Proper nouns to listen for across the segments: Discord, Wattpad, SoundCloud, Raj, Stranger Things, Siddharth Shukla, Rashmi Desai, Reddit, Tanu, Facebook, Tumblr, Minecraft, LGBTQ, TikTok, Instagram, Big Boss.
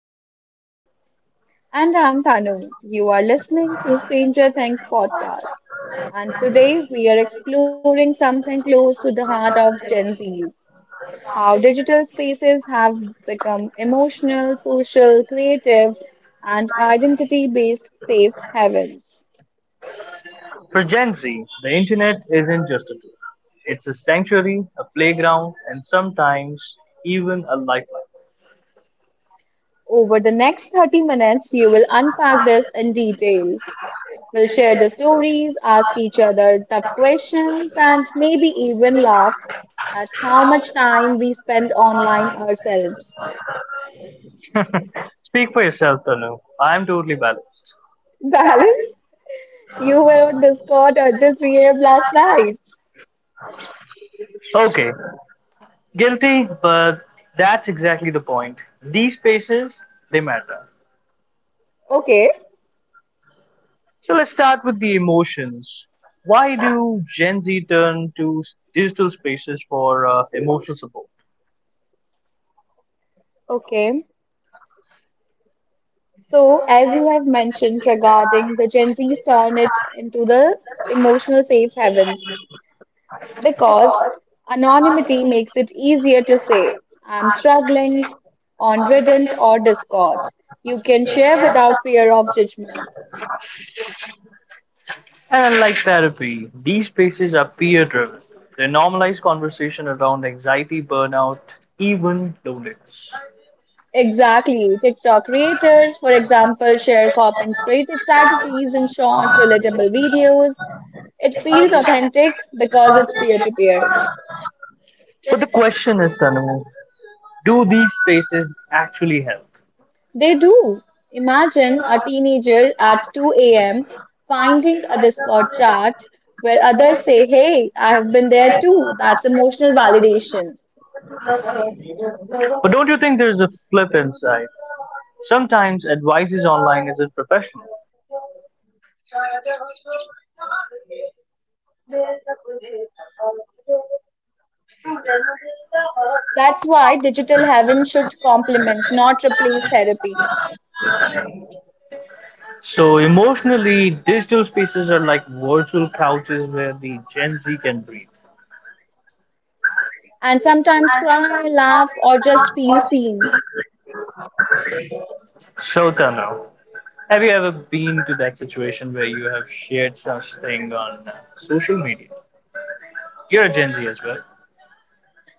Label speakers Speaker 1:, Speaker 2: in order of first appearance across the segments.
Speaker 1: I'm Raj.
Speaker 2: And I'm Tanu. You are listening to Stranger Things podcast. And today we are exploring something close to the heart of Gen Z's, how digital spaces have become emotional, social, creative, and identity based safe havens.
Speaker 1: For Gen Z, the internet isn't just a tool. It's a sanctuary, a playground, and sometimes even a lifeline.
Speaker 2: Over the next 30 minutes, you will unpack this in details. We'll share the stories, ask each other tough questions, and maybe even laugh at how much time we spend online ourselves.
Speaker 1: Speak for yourself, Tanu. I'm totally balanced.
Speaker 2: Balance? You were on Discord until 3 a.m. last night.
Speaker 1: Okay, guilty, but that's exactly the point. These spaces, they matter.
Speaker 2: Okay,
Speaker 1: So let's start with the emotions. Why do Gen Z turn to digital spaces for emotional support?
Speaker 2: okay. So, as you have mentioned regarding the Gen Z's turn it into the emotional safe havens, because anonymity makes it easier to say, I'm struggling on Reddit or Discord. You can share without fear of judgment.
Speaker 1: And unlike therapy, these spaces are peer driven. They normalize conversation around anxiety, burnout, even loneliness.
Speaker 2: Exactly. TikTok creators, for example, share strategies in short, relatable videos. It feels authentic because it's peer to peer.
Speaker 1: But the question is, Tanu, do these spaces actually help?
Speaker 2: They do. Imagine a teenager at 2 a.m. finding a Discord chat where others say, Hey, I have been there too. That's emotional validation.
Speaker 1: But don't you think there's a flip inside? Sometimes advice is online isn't professional.
Speaker 3: That's why digital heaven should complement, not replace therapy.
Speaker 1: So emotionally, digital spaces are like virtual couches where the Gen Z can breathe.
Speaker 3: And sometimes cry, laugh, or just feel seen.
Speaker 1: So, Tanu, have you ever been to that situation where you have shared such thing on social media? You're a Gen Z as well.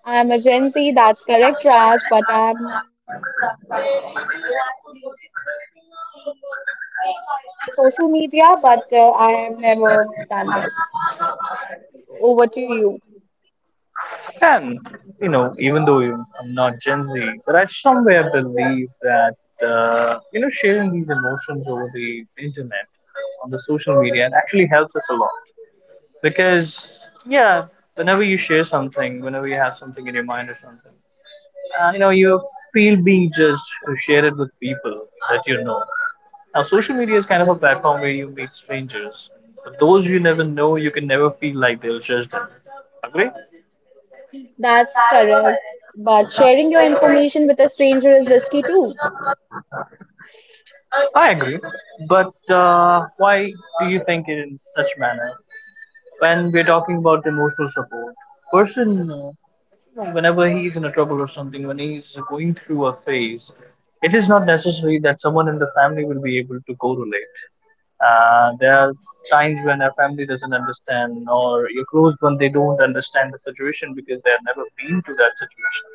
Speaker 3: I am a Gen Z, that's correct, Raj, but I have social media, but I have never done this. Over to you.
Speaker 1: And, even though I'm not Gen Z, but I somewhere believe that, sharing these emotions over the internet, on the social media, it actually helps us a lot. Because, yeah, whenever you share something, whenever you have something in your mind or something, you feel being judged to share it with people that you know. Now, social media is kind of a platform where you meet strangers. But those you never know, you can never feel like they'll judge them. Agree?
Speaker 3: That's correct. But sharing your information with a stranger is risky too.
Speaker 1: I agree. But why do you think it in such manner? When we're talking about emotional support, person, whenever he's in a trouble or something, when he's going through a phase, it is not necessary that someone in the family will be able to correlate. There are times when our family doesn't understand, or your close one they don't understand the situation because they have never been to that situation.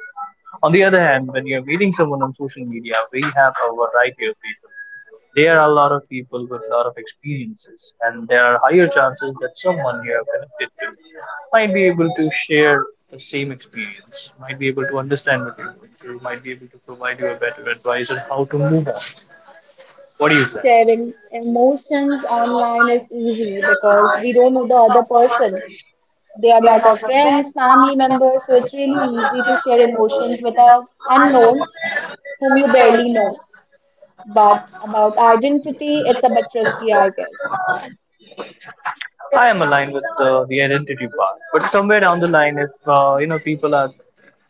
Speaker 1: On the other hand, when you're meeting someone on social media, we have a variety of people. There are a lot of people with a lot of experiences, and there are higher chances that someone you are connected to might be able to share the same experience, might be able to understand what you're going through, might be able to provide you a better advice on how to move on. What do you say?
Speaker 3: Sharing emotions online is easy because we don't know the other person. They are not our friends, family members, so it's really easy to share emotions with a unknown whom you barely know. But about identity, it's a bit risky, I guess.
Speaker 1: I am aligned with the identity part, but somewhere down the line, if people are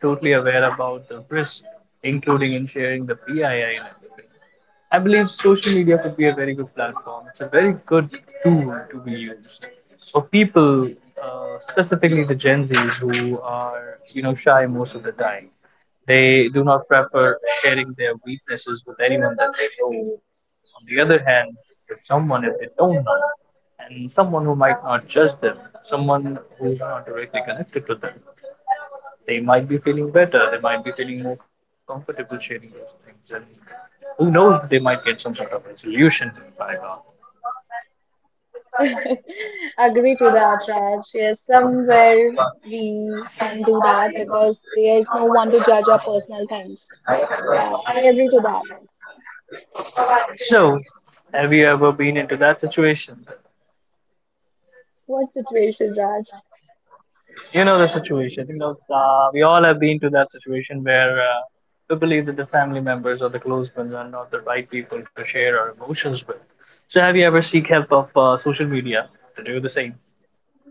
Speaker 1: totally aware about the risk, including in sharing the PII and everything, I believe social media could be a very good platform. It's a very good tool to be used for people, specifically the Gen Zs who are shy most of the time. They do not prefer sharing their weaknesses with anyone that they know. On the other hand, with someone if they don't know and someone who might not judge them, someone who's not directly connected to them. They might be feeling better, they might be feeling more comfortable sharing those things, and who knows, they might get some sort of resolution to the paragraph.
Speaker 3: Agree to that, Raj. Yes, somewhere we can do that because there's no one to judge our personal things. So yeah, I agree to that.
Speaker 1: So, have you ever been into that situation?
Speaker 3: What situation, Raj?
Speaker 1: You know the situation. We all have been to that situation where we believe that the family members or the close ones are not the right people to share our emotions with. So, have you ever seek help of social media to do the same?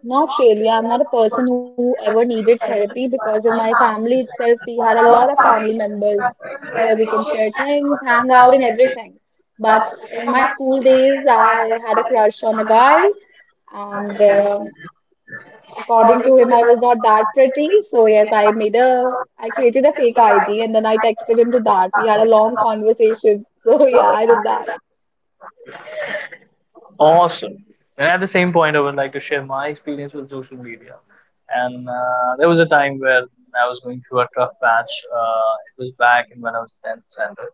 Speaker 3: Not really. I'm not a person who ever needed therapy because in my family itself, we had a lot of family members where we can share things, hang out, and everything. But in my school days, I had a crush on a guy, and according to him, I was not that pretty. So yes, I created a fake ID and then I texted him to that. We had a long conversation. So yeah, I did that.
Speaker 1: Awesome. And at the same point, I would like to share my experience with social media. And there was a time where I was going through a tough patch. It was back in when I was 10th standard.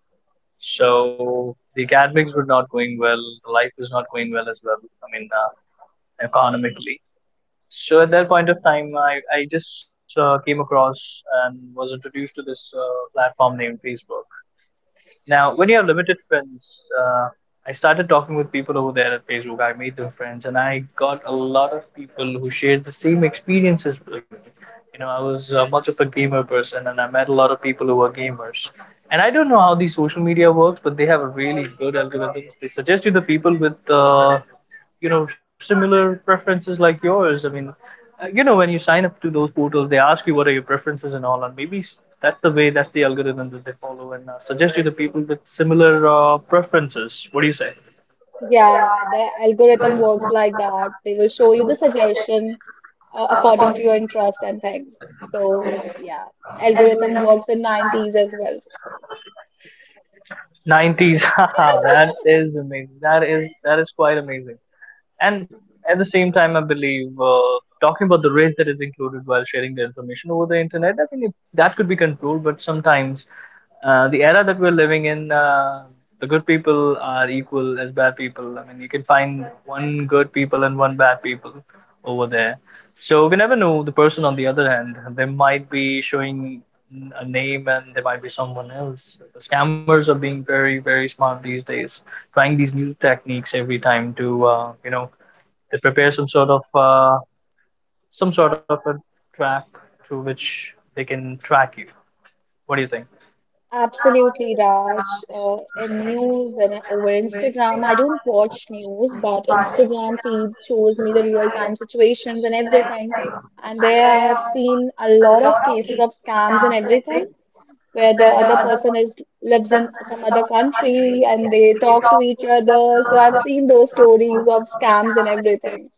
Speaker 1: So the academics were not going well. Life was not going well as well. I mean, economically. So at that point of time, I just came across and was introduced to this platform named Facebook. Now, when you have limited friends, I started talking with people over there at Facebook. I made them friends, and I got a lot of people who shared the same experiences like me. I was much of a gamer person, and I met a lot of people who were gamers. And I don't know how the social media works, but they have a really good algorithms. They suggest you the people with similar preferences like yours. I mean, when you sign up to those portals, they ask you what are your preferences and all, and maybe that's the way, that's the algorithm that they follow, and suggest you the people with similar preferences. What do you say?
Speaker 3: Yeah, the algorithm works like that. They will show you the suggestion according to your interest and things. So yeah, algorithm works in 90s as well. So,
Speaker 1: 90s. Haha, that is amazing. That is quite amazing. And at the same time, I believe talking about the risk that is included while sharing the information over the internet, I think that could be controlled. But sometimes the era that we're living in, the good people are equal as bad people. I mean, you can find one good people and one bad people over there. So we never know the person on the other hand. They might be showing a name and there might be someone else. The scammers are being very, very smart these days, trying these new techniques every time to, they prepare some sort of a trap through which they can track you. What do you think?
Speaker 3: absolutely, Raj. In news and over Instagram, I don't watch news, but Instagram feed shows me the real-time situations and everything. And there I have seen a lot of cases of scams and everything, where the other person is lives in some other country and they talk to each other. So I've seen those stories of scams and everything.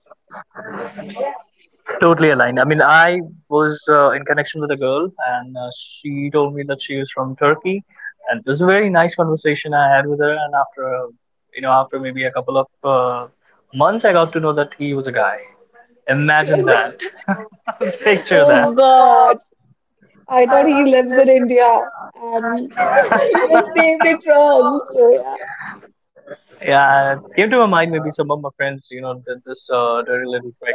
Speaker 1: Totally aligned. I mean, I was in connection with a girl, and she told me that she was from Turkey, and it was a very nice conversation I had with her. And after, after maybe a couple of months, I got to know that he was a guy. Imagine
Speaker 3: Was like,
Speaker 1: that. Picture
Speaker 3: oh
Speaker 1: that.
Speaker 3: God, I thought he lives in India, and he just named it wrong. So yeah.
Speaker 1: Yeah, it came to my mind maybe some of my friends, did this dirty little trick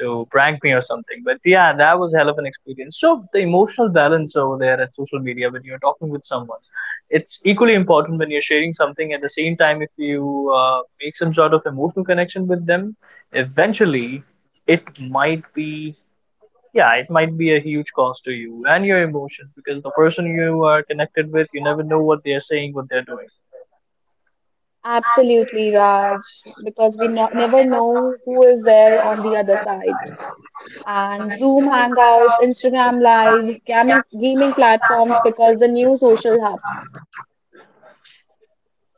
Speaker 1: to prank me or something. But yeah, that was hell of an experience. So the emotional balance over there at social media when you're talking with someone, it's equally important when you're sharing something. At the same time, if you make some sort of emotional connection with them, eventually it might be yeah, it might be a huge cost to you and your emotions because the person you are connected with, you never know what they're saying, what they're doing.
Speaker 3: Absolutely, Raj, because we no never know who is there on the other side. And Zoom Hangouts, Instagram Lives, gaming platforms because the new social hubs.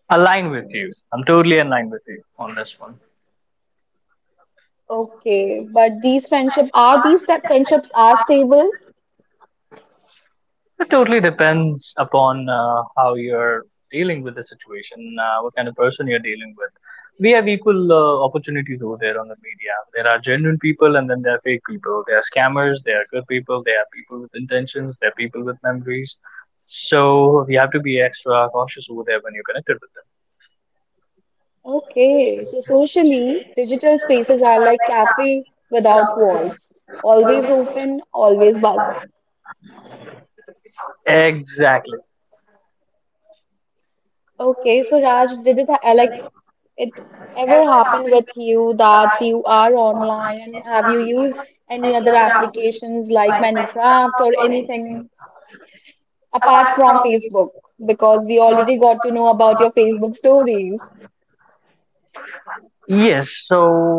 Speaker 1: Align with you. I'm totally aligned with you on this one.
Speaker 3: Okay, but these that friendships are stable?
Speaker 1: It totally depends upon how you're dealing with the situation, what kind of person you're dealing with. We have equal opportunities over there on the media. There are genuine people and then there are fake people. There are scammers, there are good people, there are people with intentions, there are people with memories. So you have to be extra cautious over there when you're connected with
Speaker 3: Okay, so socially, digital spaces are like cafe without walls, always
Speaker 1: them.
Speaker 3: open, always buzzing. Okay, so Raj, like it ever happen with you that you are online and have you used any other applications like Minecraft or anything apart from Facebook? Because we already got to know about your Facebook stories.
Speaker 1: Yes, so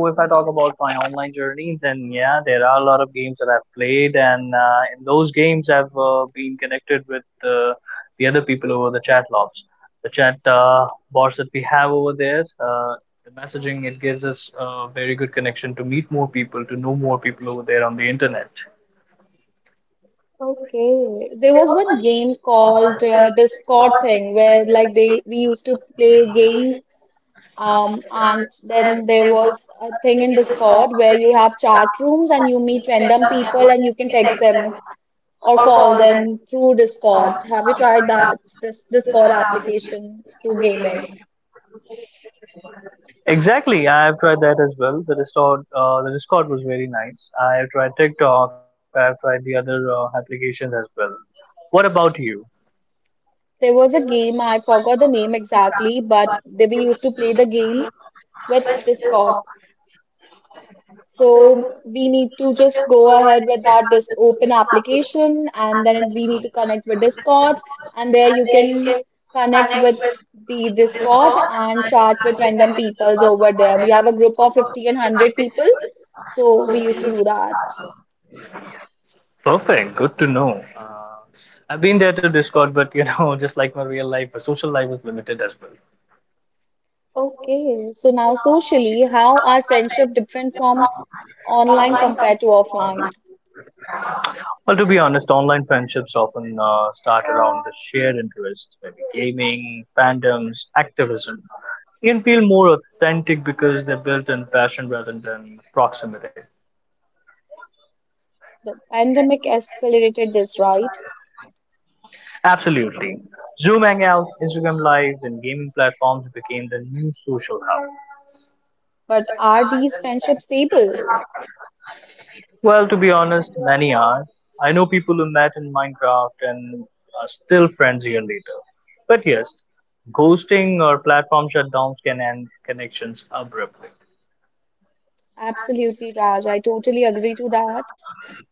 Speaker 1: if I talk about my online journey, then yeah, there are a lot of games that I've played, and in those games, I've been connected with the other people over the chat lobs, the chat bots that we have over there. The messaging it gives us a very good connection to meet more people, to know more people over there on the internet.
Speaker 3: Okay, there was one game called Discord thing where like they we used to play games and then there was a thing in Discord where you have chat rooms and you meet random people and you can text them or call them through Discord. Have you tried that this Discord application through gaming?
Speaker 1: Exactly, I have tried that as well. The Discord was very nice. I have tried TikTok. I have tried the other applications as well. What about you?
Speaker 3: There was a game, I forgot the name exactly, but they we used to play the game with Discord. So we need to just go ahead with that this open application and then we need to connect with Discord and there you can connect with the Discord and chat with random peoples over there. We have a group of 50 and 100 people, so we used to do that.
Speaker 1: Perfect. Good to know. I've been there to Discord, but you know, just like my real life, my social life was limited as well.
Speaker 3: Okay, so now socially, how are friendship different from online compared to offline?
Speaker 1: Well, to be honest, online friendships often start around the shared interests, maybe gaming, fandoms, activism. You can feel more authentic because they're built in passion rather than proximity.
Speaker 3: The pandemic escalated this, right?
Speaker 1: Absolutely. Zoom hangouts, Instagram lives, and gaming platforms became the new social hub.
Speaker 3: But are these friendships stable?
Speaker 1: Well, to be honest, many are. I know people who met in Minecraft and are still friends year later. But yes, ghosting or platform shutdowns can end connections abruptly.
Speaker 3: Absolutely, Raj. I totally agree to that.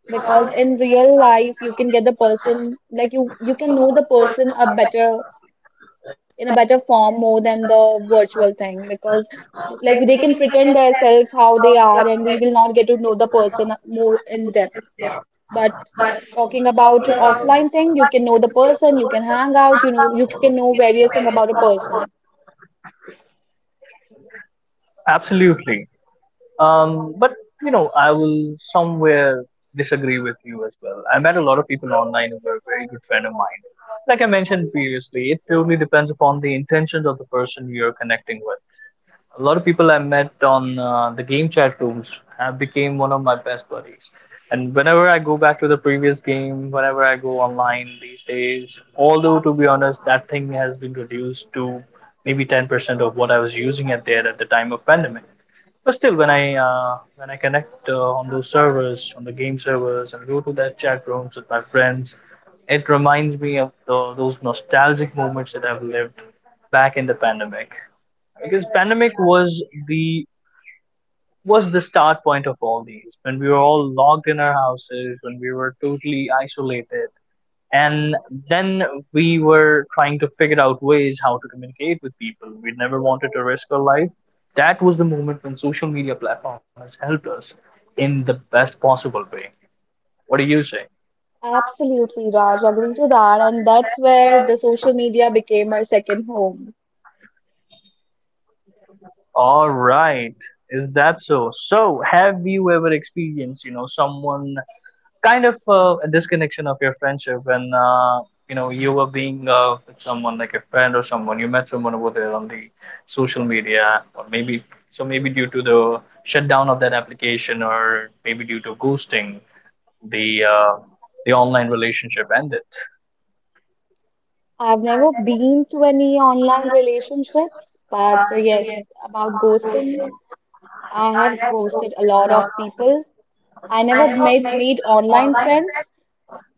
Speaker 3: Because in real life, you can get the person, you can know the person a better, in a better form more than the virtual thing. Because like they can pretend themselves how they are, and we will not get to know the person more in depth. But talking about offline thing, you can know the person, you can hang out, you know, you can know various thing about a person.
Speaker 1: Absolutely. But you know, I will somewhere disagree with you as well. I met a lot of people online who were a very good friend of mine. Like I mentioned previously, it totally depends upon the intentions of the person you're connecting with. A lot of people I met on the game chat rooms have became one of my best buddies. And whenever I go back to the previous game, whenever I go online these days, although to be honest, that thing has been reduced to maybe 10% of what I was using it there at the time of pandemic. But still, when I connect on those servers, on the game servers, and go to that chat rooms with my friends. It reminds me of those nostalgic moments that I've lived back in the pandemic, because pandemic the was the start point of all these, when we were all locked in our houses, when we were totally isolated, and then we were trying to figure out ways how to communicate with people. We never wanted to risk our life. That was the moment when social media platform has helped us in the best possible way. What do you say?
Speaker 3: Absolutely, Raj, agree to that. And that's where the social media became our second home.
Speaker 1: All right. Is that So have you ever experienced, you know, someone kind of a disconnection of your friendship when you know, you were being with someone like a friend, or someone, you met someone over there on the social media, or maybe, so maybe due to the shutdown of that application or maybe due to ghosting, the uh, the online relationship ended.
Speaker 3: I've never been to any online relationships, but yes, about ghosting, I have ghosted a lot of people. I never made online friends,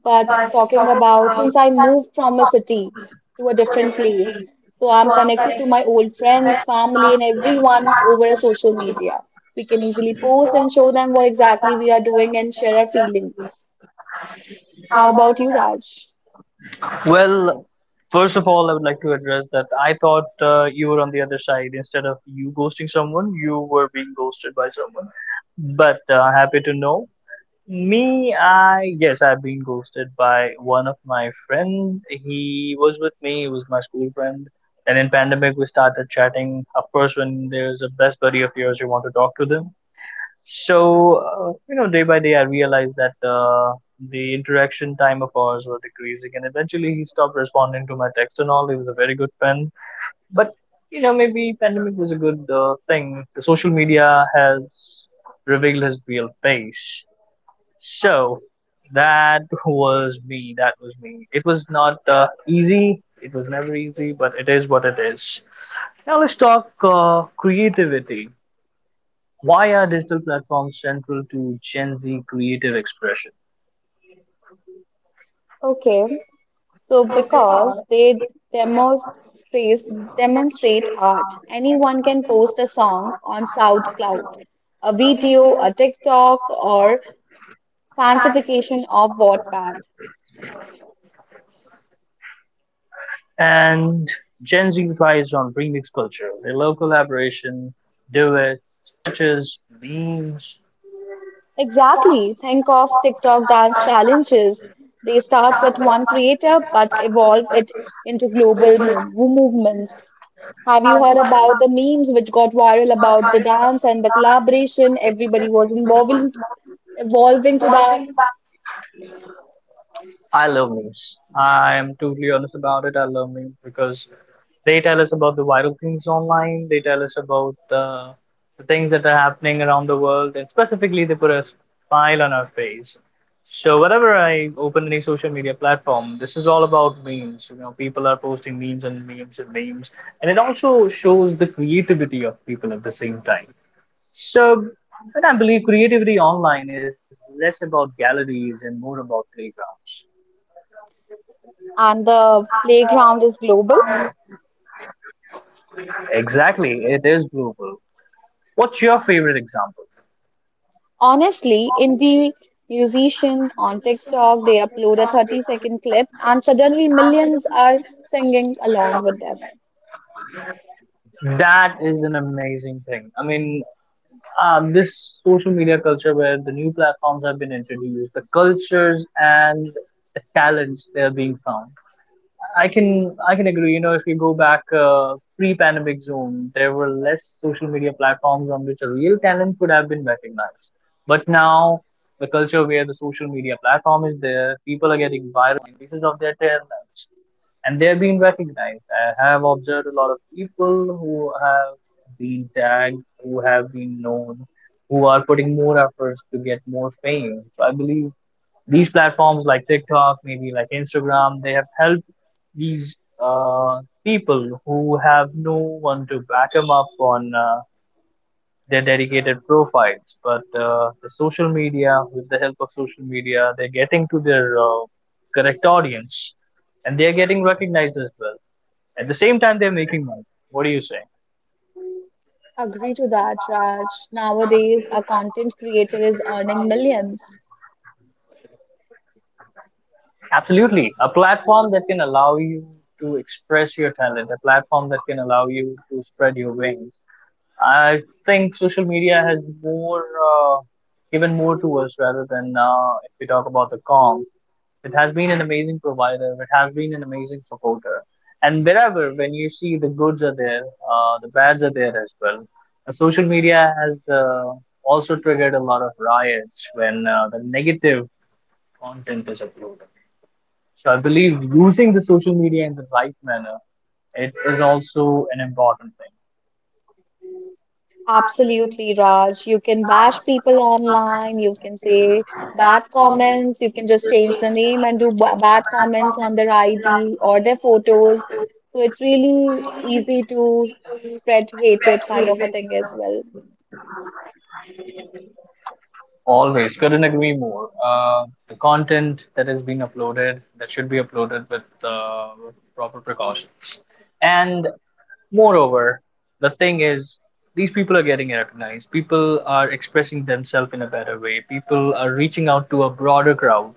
Speaker 3: but talking about since I moved from a city to a different place, so I'm connected to my old friends, family, and everyone over a social media. We can easily post and show them what exactly we are doing and share our feelings. How about you, Raj?
Speaker 1: Well, first of all, I would like to address that I thought, you were on the other side, instead of you ghosting someone, you were being ghosted by someone. But happy to know. Me, I yes, I've been ghosted by one of my friend. He was with me. He was my school friend. Then in pandemic, we started chatting. Of course, when there's a best buddy of yours, you want to talk to them. So you know, day by day, I realized that the interaction time of ours were decreasing, and eventually, he stopped responding to my text and all. He was a very good friend, but you know, maybe pandemic was a good thing. The social media has revealed his real face. So that was me. That was me. It was not easy. It was never easy, but it is what it is. Now let's talk creativity. Why are digital platforms central to Gen Z creative expression?
Speaker 3: Okay, so because they demonstrate demonstrate art, anyone can post a song on SoundCloud, a video, a TikTok, or fancification of Wattpad.
Speaker 1: And Gen Z thrives on remix culture. They love collaboration, duet, stitches, memes.
Speaker 3: Exactly. Think of TikTok dance challenges. They start with one creator but evolve it into global movements. Have you heard about the memes which got viral about the dance and the collaboration? Everybody was involved evolving to that
Speaker 1: I love memes. I am totally honest about it. I love memes because they tell us about the viral things online. They tell us about the things that are happening around the world, and specifically, they put a smile on our face. So whenever I open any social media platform, this is all about memes. You know, people are posting memes and memes and memes, and it also shows the creativity of people at the same time. So, but I believe creativity online is less about galleries and more about playgrounds.
Speaker 3: and the
Speaker 1: And
Speaker 3: playground is global.
Speaker 1: exactly, it is global. What's your favorite example?
Speaker 3: Honestly, indie musician on TikTok, they upload a 30-second clip and suddenly millions are singing along with them.
Speaker 1: That is an amazing thing. I mean, this social media culture where the new platforms have been introduced, the cultures and the talents they are being found. I can agree. You know, if you go back pre-pandemic zone, there were less social media platforms on which a real talent could have been recognized. But now, the culture where the social media platform is there, people are getting viral pieces of their talents, and they're being recognized. I have observed a lot of people who have been tagged, who have been known, who are putting more efforts to get more fame. So I believe these platforms like TikTok, maybe like Instagram, they have helped these people who have no one to back them up on their dedicated profiles. But the social media, with the help of social media, they're getting to their correct audience, and they're getting recognized as well. At the same time, they're making money. What do you say?
Speaker 3: Agree to that, Raj. Nowadays, a content creator is earning millions.
Speaker 1: Absolutely. A platform that can allow you to express your talent, a platform that can allow you to spread your wings. I think social media has more given more to us rather than if we talk about the cons. It has been an amazing provider. It has been an amazing supporter. And wherever, when you see the goods are there, the bads are there as well. Social media has also triggered a lot of riots when the negative content is uploaded. So I believe using the social media in the right manner, it is also an important thing.
Speaker 3: Absolutely, Raj. You can bash people online, you can say bad comments, you can just change the name and do b bad comments on their ID or their photos. So it's really easy to spread hatred kind of a thing as well.
Speaker 1: Always couldn't agree more. The content that is being uploaded that should be uploaded with proper precautions. And moreover, the thing is, these people are getting recognized. People are expressing themselves in a better way. People are reaching out to a broader crowd.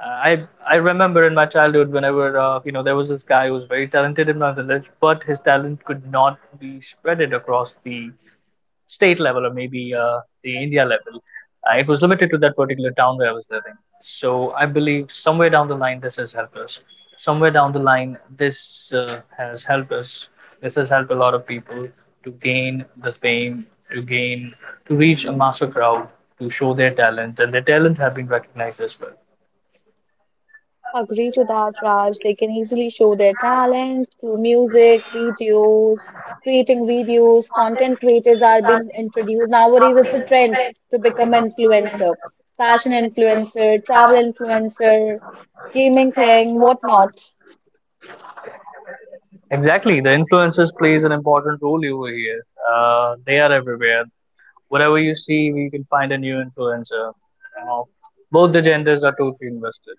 Speaker 1: I remember in my childhood whenever you know, there was this guy who was very talented in my village, but his talent could not be spreaded across the state level, or maybe the India level. It was limited to that particular town where I was living. So I believe somewhere down the line this has helped us. Somewhere down the line this has helped us. This has helped a lot of people to gain the fame, to gain, to reach a master crowd, to show their talent, and their talent have been recognized as well.
Speaker 3: Agree to that, Raj. They can easily show their talent through music, videos, creating videos. Content creators are being introduced. Nowadays, it's a trend to become influencer, fashion influencer, travel influencer, gaming thing, whatnot.
Speaker 1: Exactly. The influencers plays an important role over here. They are everywhere. Whatever you see, you can find a new influencer. Uh, both the genders are totally invested.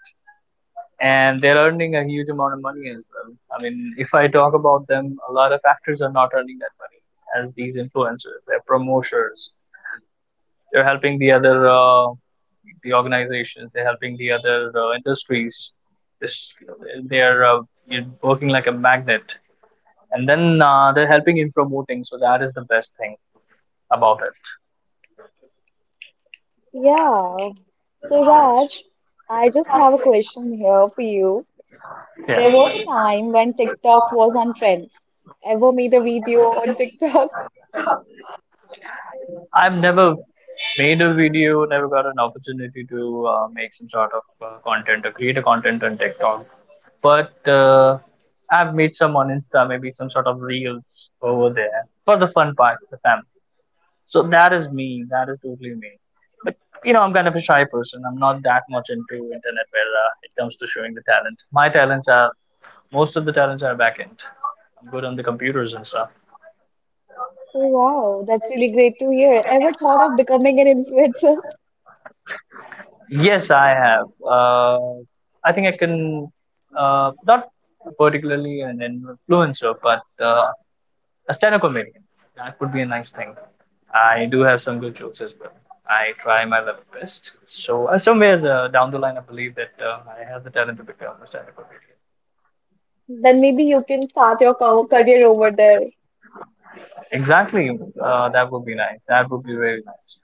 Speaker 1: And they're earning a huge amount of money as well. I mean, if I talk about them, a lot of actors are not earning that money as these influencers. They're promoters. They're helping the other the organizations. They're helping the other industries. This, they're you know, working like a magnet, and then they're helping in promoting, so that is the best thing about it.
Speaker 3: Yeah. So, Raj, I just have a question here for you.
Speaker 1: Yeah,
Speaker 3: There was a time when TikTok was on trend. Ever made a video on TikTok?
Speaker 1: I've never made a video, never got an opportunity to make some sort of content or create a content on TikTok, but I've made some on Insta, maybe some sort of reels over there for the fun part, the family. So that is me. That is totally me. But you know, I'm kind of a shy person. I'm not that much into internet where it comes to showing the talent. My talents are, most of the talents are back end. I'm good on the computers and stuff.
Speaker 3: Oh, wow, that's really great to hear. Ever thought of becoming an influencer?
Speaker 1: Yes, I have. I think I can, not particularly an influencer, but a stand-up comedian. That would be a nice thing. I do have some good jokes as well. I try my level best. So somewhere down the line, I believe that I have the talent to become a stand-up comedian.
Speaker 3: Then maybe you can start your career over there.
Speaker 1: Exactly. That would be nice. That would be very nice.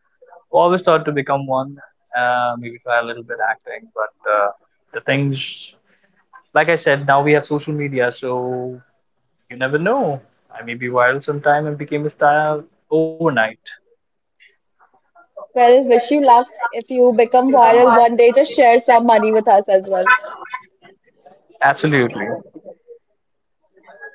Speaker 1: Always thought to become one. Maybe try a little bit acting, but the things, like I said, now we have social media, so you never know. I may be viral sometime and became a star overnight.
Speaker 3: Well, wish you luck. If you become viral one day, just share some money with us as well.
Speaker 1: Absolutely.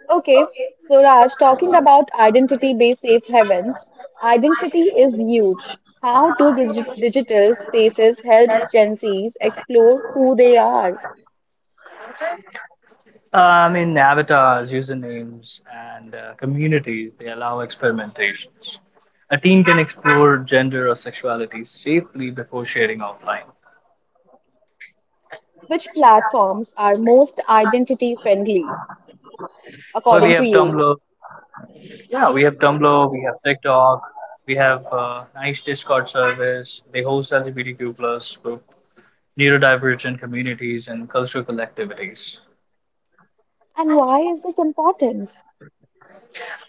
Speaker 3: Okay, so Raj, talking about identity-based safe havens, identity is huge. How do digital spaces help Gen Zs explore who they are?
Speaker 1: I mean, avatars, usernames, and communities, they allow experimentations. A teen can explore gender or sexuality safely before sharing offline.
Speaker 3: Which platforms are most identity-friendly,
Speaker 1: Well, we
Speaker 3: according to
Speaker 1: have
Speaker 3: you?
Speaker 1: Tumblr. Yeah, we have Tumblr, we have TikTok, we have nice Discord service. They host LGBTQ+ plus group, neurodivergent communities, and cultural collectivities.
Speaker 3: And why is this important?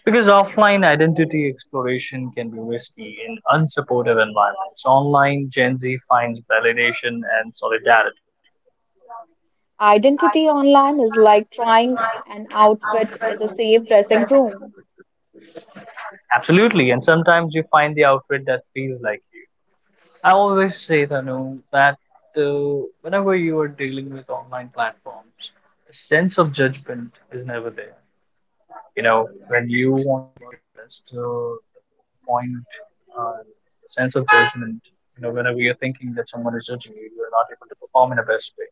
Speaker 1: Because offline identity exploration can be risky in unsupportive environments. Online, Gen Z finds validation and solidarity.
Speaker 3: Identity online is like trying an outfit is a safe dressing room.
Speaker 1: Absolutely, and sometimes you find the outfit that feels like you. I always say, Tanu, that whenever you are dealing with online platforms, the sense of judgment is never there. You know, when you want to, the point, uh, sense of judgment, you know, whenever you're thinking that someone is judging you, you're not able to perform in a best way.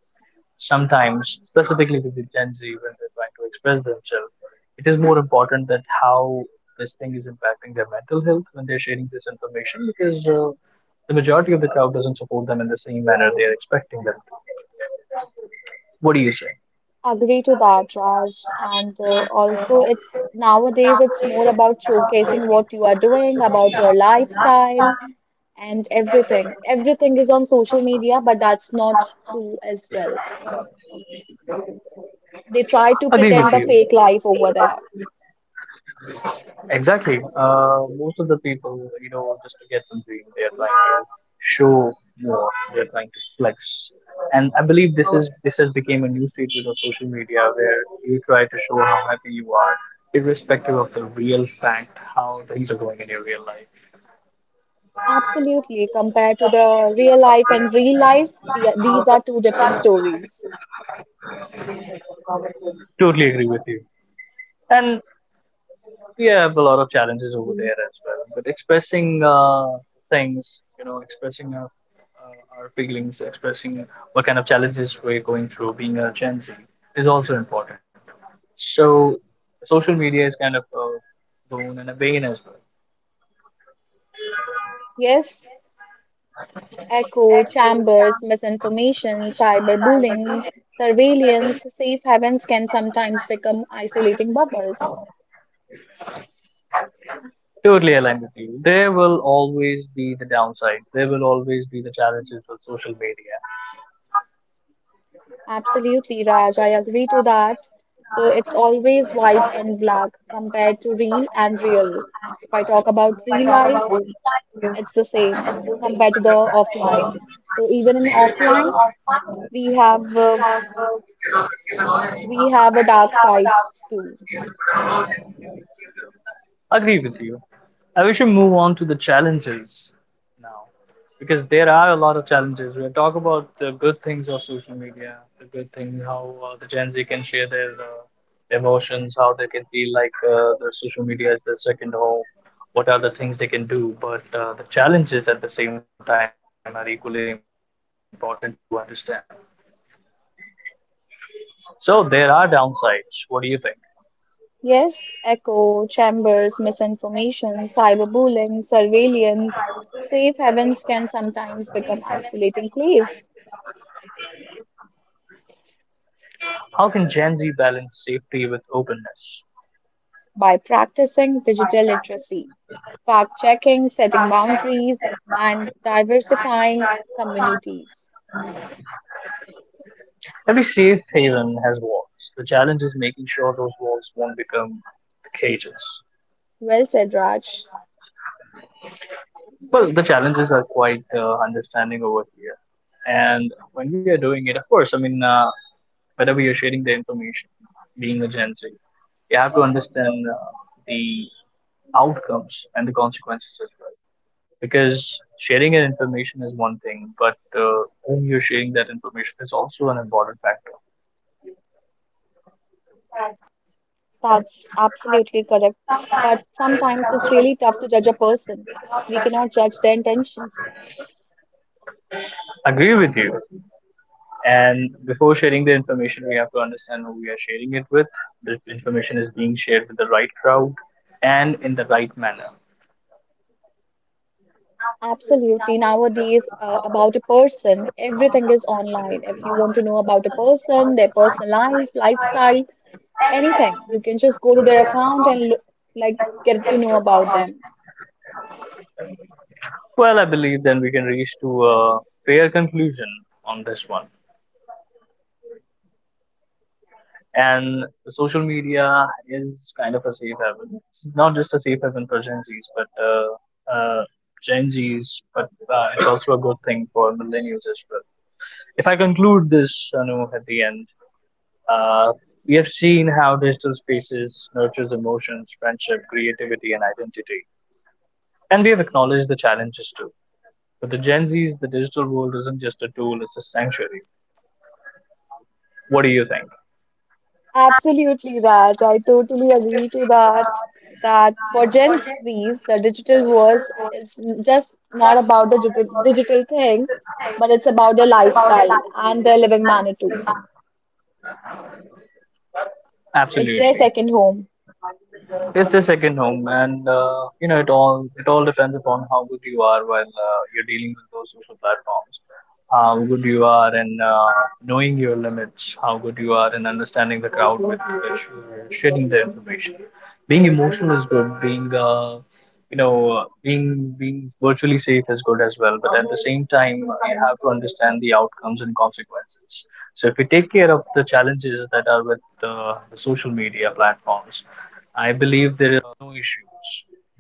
Speaker 1: Sometimes, specifically with the Gen Z, when they're trying to express themselves, it is more important that how this thing is impacting their mental health when they're sharing this information, because the majority of the crowd doesn't support them in the same manner they are expecting them. What do you say?
Speaker 3: Agree to that, Raj. And also, it's nowadays it's more about showcasing what you are doing, about your lifestyle, and everything. Everything is on social media, but that's not true as well. They try to
Speaker 1: Agree with
Speaker 3: pretend a
Speaker 1: you.
Speaker 3: fake life over there.
Speaker 1: Exactly. Most of the people, you know, just to get something, they're trying to show more. They're trying to flex, and I believe this has become a new statement of social media where you try to show how happy you are, irrespective of the real fact how things are going in your real life.
Speaker 3: Absolutely, compared to the real life and real life, the, these are two different stories.
Speaker 1: Totally agree with you. And we have a lot of challenges over there as well. But expressing things, you know, expressing our feelings, expressing what kind of challenges we're going through being a Gen Z is also important. So social media is kind of a boon and a bane as well.
Speaker 3: Yes. Echo chambers, misinformation, cyberbullying, surveillance, safe havens can sometimes become isolating bubbles.
Speaker 1: Totally aligned with you. There will always be the downsides. There will always be the challenges with social media.
Speaker 3: Absolutely, Raj, I agree to that. So it's always white and black compared to real and real. If I talk about real life, it's the same compared to the offline. So even in offline, we have uh, we have a dark side too.
Speaker 1: Agree with you. I wish we move on to the challenges now, because there are a lot of challenges. We talk about the good things of social media, the good things how the Gen Z can share their emotions, how they can feel like their social media is their second home. What are the things they can do? But the challenges at the same time are equally important to understand. So there are downsides. What do you think?
Speaker 3: Yes, echo chambers, misinformation, cyberbullying, surveillance, safe havens can sometimes become isolating place
Speaker 1: How can Gen Z balance safety with openness?
Speaker 3: by practicing digital literacy, fact checking, setting boundaries, and diversifying communities.
Speaker 1: Every safe haven has walls. The challenge is making sure those walls won't become cages.
Speaker 3: Well said, Raj.
Speaker 1: Well, the challenges are quite understanding over here. And when we are doing it, of course, I mean, whenever you're sharing the information, being a Gen Z, you have to understand the outcomes and the consequences as well. Because sharing an information is one thing, but whom you're sharing that information is also an important factor.
Speaker 3: That's absolutely correct. But sometimes it's really tough to judge a person. We cannot judge their intentions.
Speaker 1: Agree with you. And before sharing the information, we have to understand who we are sharing it with. The information is being shared with the right crowd and in the right manner.
Speaker 3: Absolutely. Nowadays, about a person, everything is online. If you want to know about a person, their personal life, lifestyle, anything, you can just go to their account and look, like get to know about them.
Speaker 1: Well, I believe then we can reach to a fair conclusion on this one. And the social media is kind of a safe haven. It's not just a safe haven for Gen Zs, but Gen Zs, it's also a good thing for millennials as well. If I conclude this, Anu, at the end, uh, we have seen how digital spaces nurtures emotions, friendship, creativity, and identity, and we have acknowledged the challenges too. For the Gen Zs, the digital world isn't just a tool; it's a sanctuary. What do you think?
Speaker 3: Absolutely, Raj. I totally agree to that. That for Gen Zs, the digital wars is just not about the digital thing, but it's about their lifestyle and their living manner too. It's their
Speaker 1: Absolutely.
Speaker 3: second home.
Speaker 1: It's their second home, and you know, it all depends upon how good you are while you're dealing with those social platforms. How good you are in knowing your limits. How good you are in understanding the crowd with which you're sharing the information. Being emotional is good. Being you know being virtually safe is good as well. But at the same time, you have to understand the outcomes and consequences. So if we take care of the challenges that are with the social media platforms, I believe there are no issues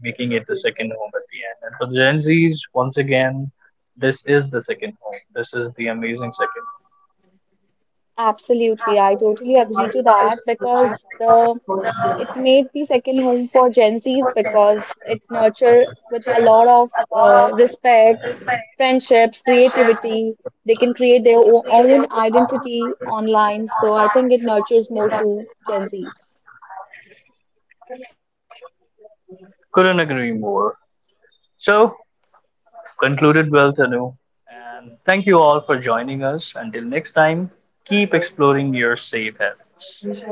Speaker 1: making it the second home at the end. And for Gen Zs, once again, this is the second home. This is the amazing second home.
Speaker 3: Absolutely, I totally agree to that because the it made the second home for Gen Zs because it nurture with a lot of respect, friendships, creativity. They can create their own identity online, so I think it nurtures more to Gen Zs.
Speaker 1: Couldn't agree more. So concluded well, Tanu. And thank you all for joining us. Until next time, keep exploring your safe habits.